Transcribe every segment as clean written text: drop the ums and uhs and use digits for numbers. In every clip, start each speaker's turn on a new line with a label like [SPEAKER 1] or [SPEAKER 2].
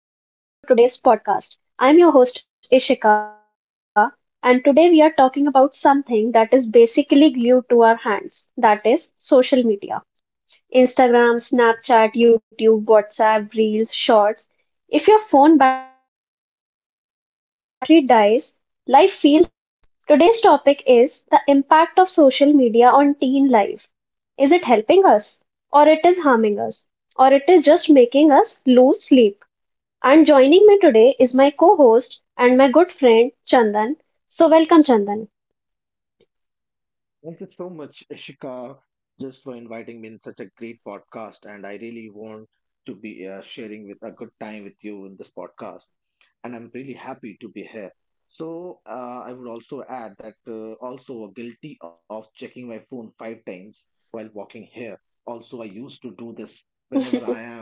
[SPEAKER 1] everyone, and welcome to today's podcast. I am your host Ishika, and today we are talking about something that is basically glued to our hands that is, social media. Instagram, Snapchat, YouTube, WhatsApp, Reels, Shorts. If your phone battery dies, life feels like it pauses, right? Today's topic is the impact of social media on teen life. Is it helping us, or it is harming us, or it is just making us lose sleep? And joining me today is my co host and my good friend Chandan. So, welcome, Chandan.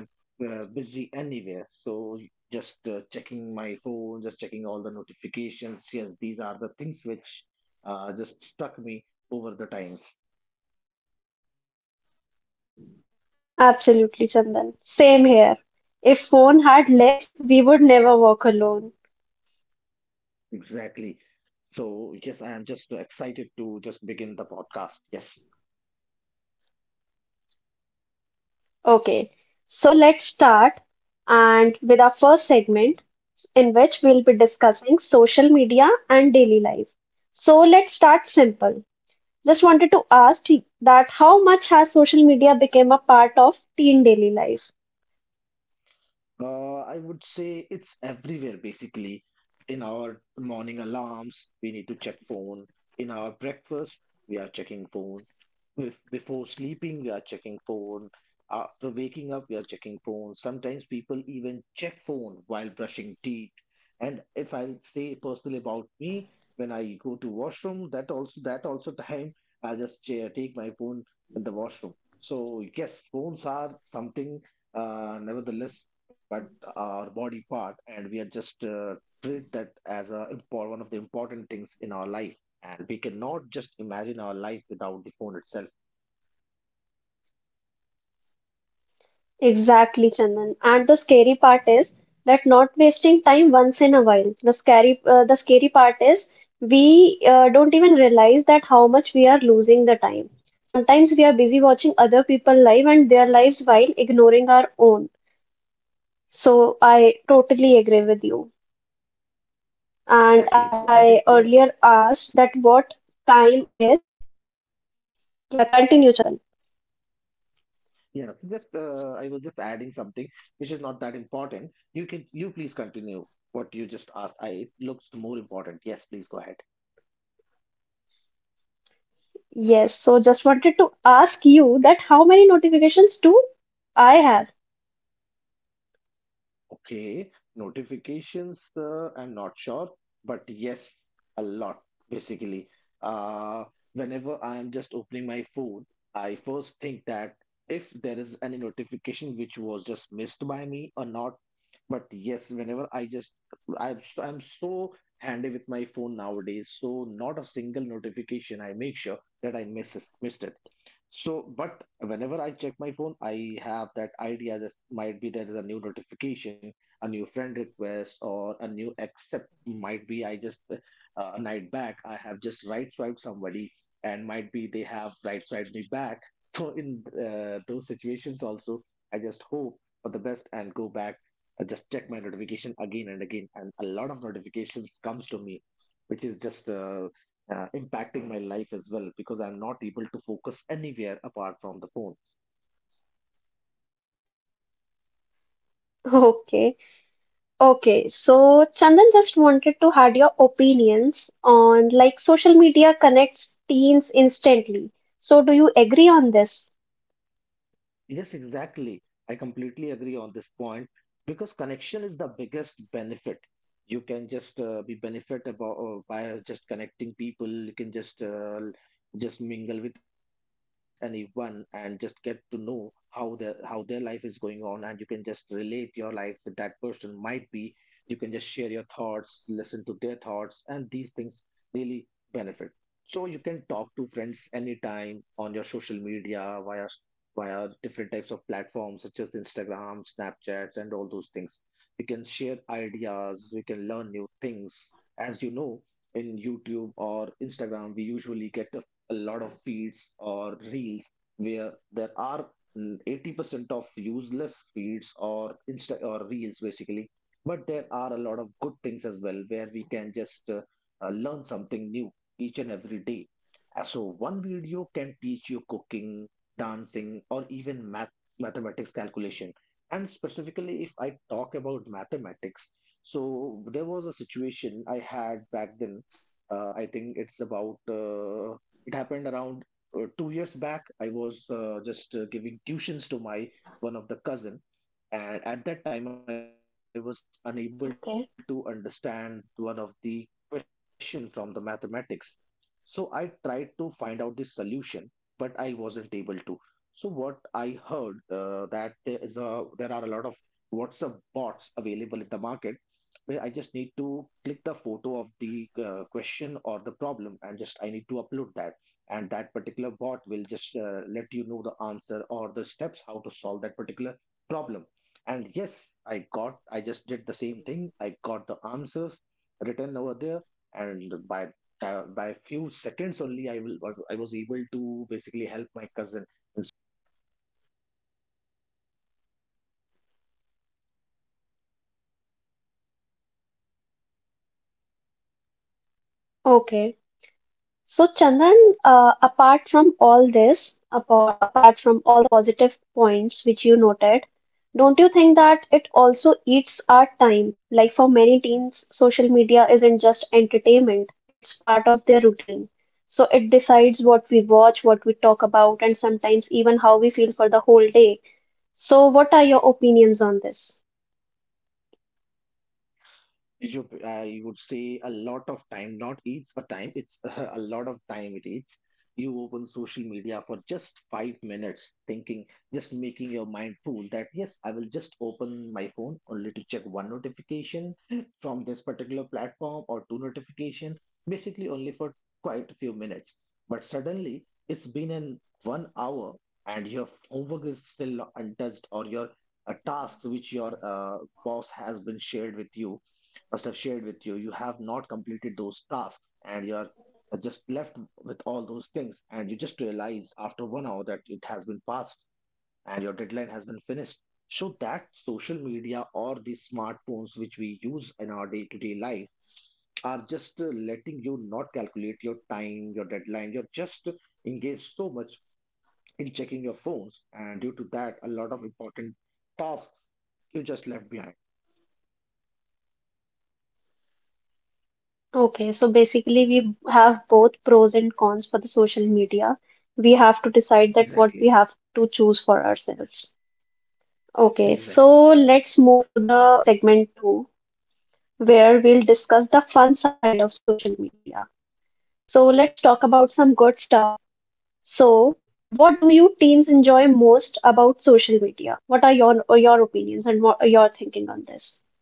[SPEAKER 1] Absolutely, Chandan. Same here. If phone had legs, we would never walk alone. Okay, so let's start and with our first segment in which we'll be discussing social media and daily life. So let's start simple. Just wanted to ask that how much has social media become a part of teen daily life? Exactly, Chandan. And the scary part is that not wasting time once in a while. The scary part is we don't even realize that how much we are losing the time. Sometimes we are busy watching other people live and their lives while ignoring our own. So I totally agree with you. And as I earlier asked that what time is, continue, Chandan. Yes. So just wanted to ask you that how many notifications do I have? Okay. Okay, so Chandan just wanted to had your opinions on like social media connects teens instantly. So do you agree on this? Okay.
[SPEAKER 2] Around In different forms, I would say.
[SPEAKER 1] Okay. So, Chandan, apart from all this, apart from all the positive points which you noted, don't you think that it also eats our time? Like for many teens, social media isn't just entertainment, it's part of their routine. So, it decides what we watch, what we talk about, and sometimes even how we feel for the whole day. So, what are your opinions on this?
[SPEAKER 2] I would say a lot of time, not eats a time, it's a lot of time it eats. You open social media for just 5 minutes, thinking, just making your mind fool that yes, I will just open my phone only to check one notification from this particular platform or two notification, basically only for quite a few minutes. But suddenly it's been an 1 hour and your homework is still untouched or your tasks which your boss has been shared with you, must have shared with you, you have not completed those tasks and you are just left with all those things. And you just realize after 1 hour that it has been passed and your deadline has been finished. So that social media or the smartphones which we use in our day to day life are just letting you not calculate your time, your deadline. You're just engaged so much in checking your phones, and due to that, a lot of important tasks you just left behind.
[SPEAKER 1] Okay, so basically we have both pros and cons for the social media. We have to decide that what
[SPEAKER 2] Exactly.
[SPEAKER 1] we have to choose for ourselves. Okay,
[SPEAKER 2] Exactly.
[SPEAKER 1] so let's move to the segment two, where we'll discuss the fun side of social media. So let's talk about some good stuff. So, what do you teens enjoy most about social media? What are your or your opinions and what are your thinking on this?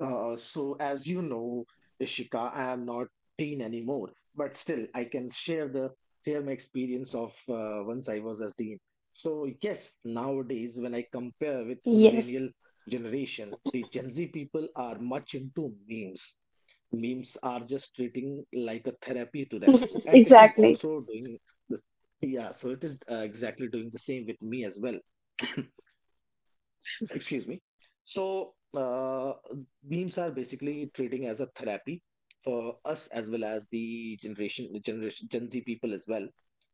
[SPEAKER 2] As you know, Ishika, I am not teen anymore, but still, I can share the share my experience of once I was a teen. So, yes, nowadays when I compare with
[SPEAKER 1] Yes,
[SPEAKER 2] millennial generation, the Gen Z people are much into memes. Memes are just treating like a therapy to them, and it is also
[SPEAKER 1] exactly.
[SPEAKER 2] doing this. Yeah, so it is exactly doing the same with me as well. Excuse me, so memes are basically treating as a therapy for us as well as the generation Gen Z people as well.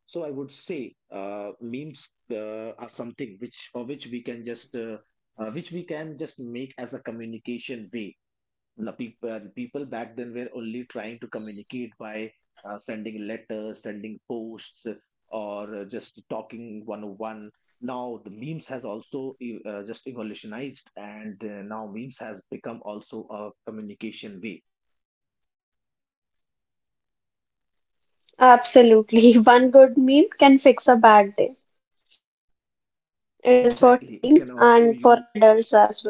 [SPEAKER 2] So I would say memes are something which for which we can just which we can just make as a communication way. The people back then were only trying to communicate by sending letters, sending posts, or just talking one on one. Now the memes has also just evolutionized, and now memes has become also a communication way.
[SPEAKER 1] Absolutely. One good meme can fix a bad day. It is for
[SPEAKER 2] Exactly, it
[SPEAKER 1] teens
[SPEAKER 2] can
[SPEAKER 1] and
[SPEAKER 2] also
[SPEAKER 1] for
[SPEAKER 2] you
[SPEAKER 1] adults as well.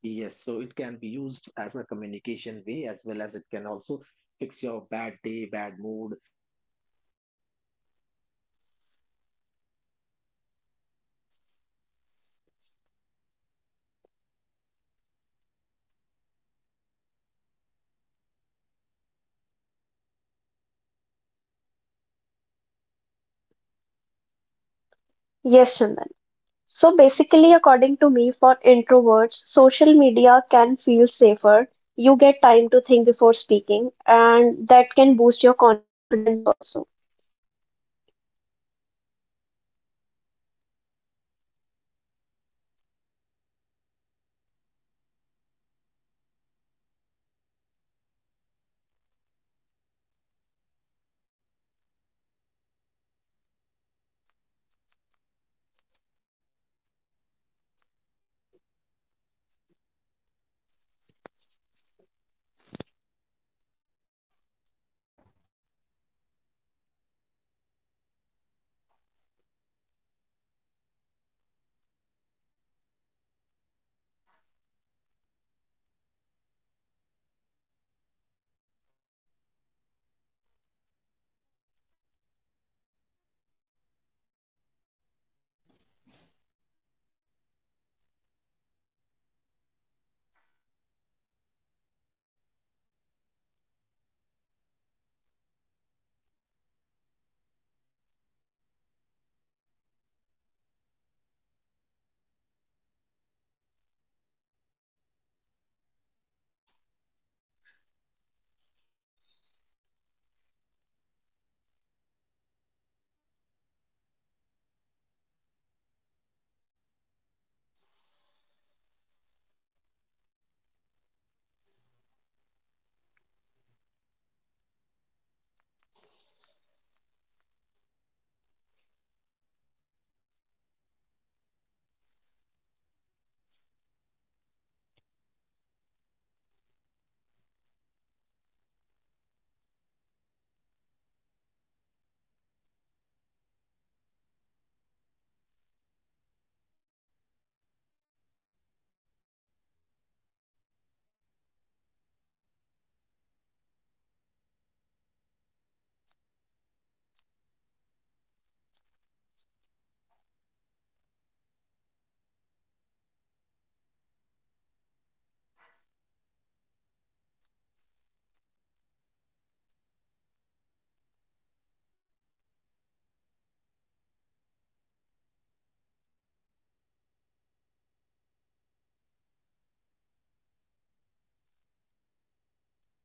[SPEAKER 2] Yes, so it can be used as a communication way as well as it can also fix your bad day, bad mood. Might be you are already feeling disheartened and a sudden great joke, meme related something comes up or pops up, your mood just switch back to your good, great positive mood.
[SPEAKER 1] Yes, Chandan. So basically, according to me, for introverts, social media can feel safer. You get time to think before speaking, and that can boost your confidence also.
[SPEAKER 2] Exactly. So social media also helps teen express themselves. Like people using social media can express by, i- in any language. Like some has a language of art, some has a language of music, some has photography, some comedy. Everyone gets a platform there. So no matter what you have a quality or you have a art form, you can just showcase. Back then if I talk about in the 90s, there were very less options to explore. Whatever hobby we just carry forward are just told by us, our parents, that you cannot earn this hobby, so better to just keep this as a hobby, don't try to focus more on these things and just go ahead and focus only on education. But nowadays, since we have a lot of options, lot of platforms available in our market, in our social media market, so any quality you have, any talent you have, and you want to showcase that, you have a different platform, a dedicated one for each and everything. I just as I mentioned, art, music, photography, comedy, and everyone gets a platform basically. Yes. Hello, hello, hello.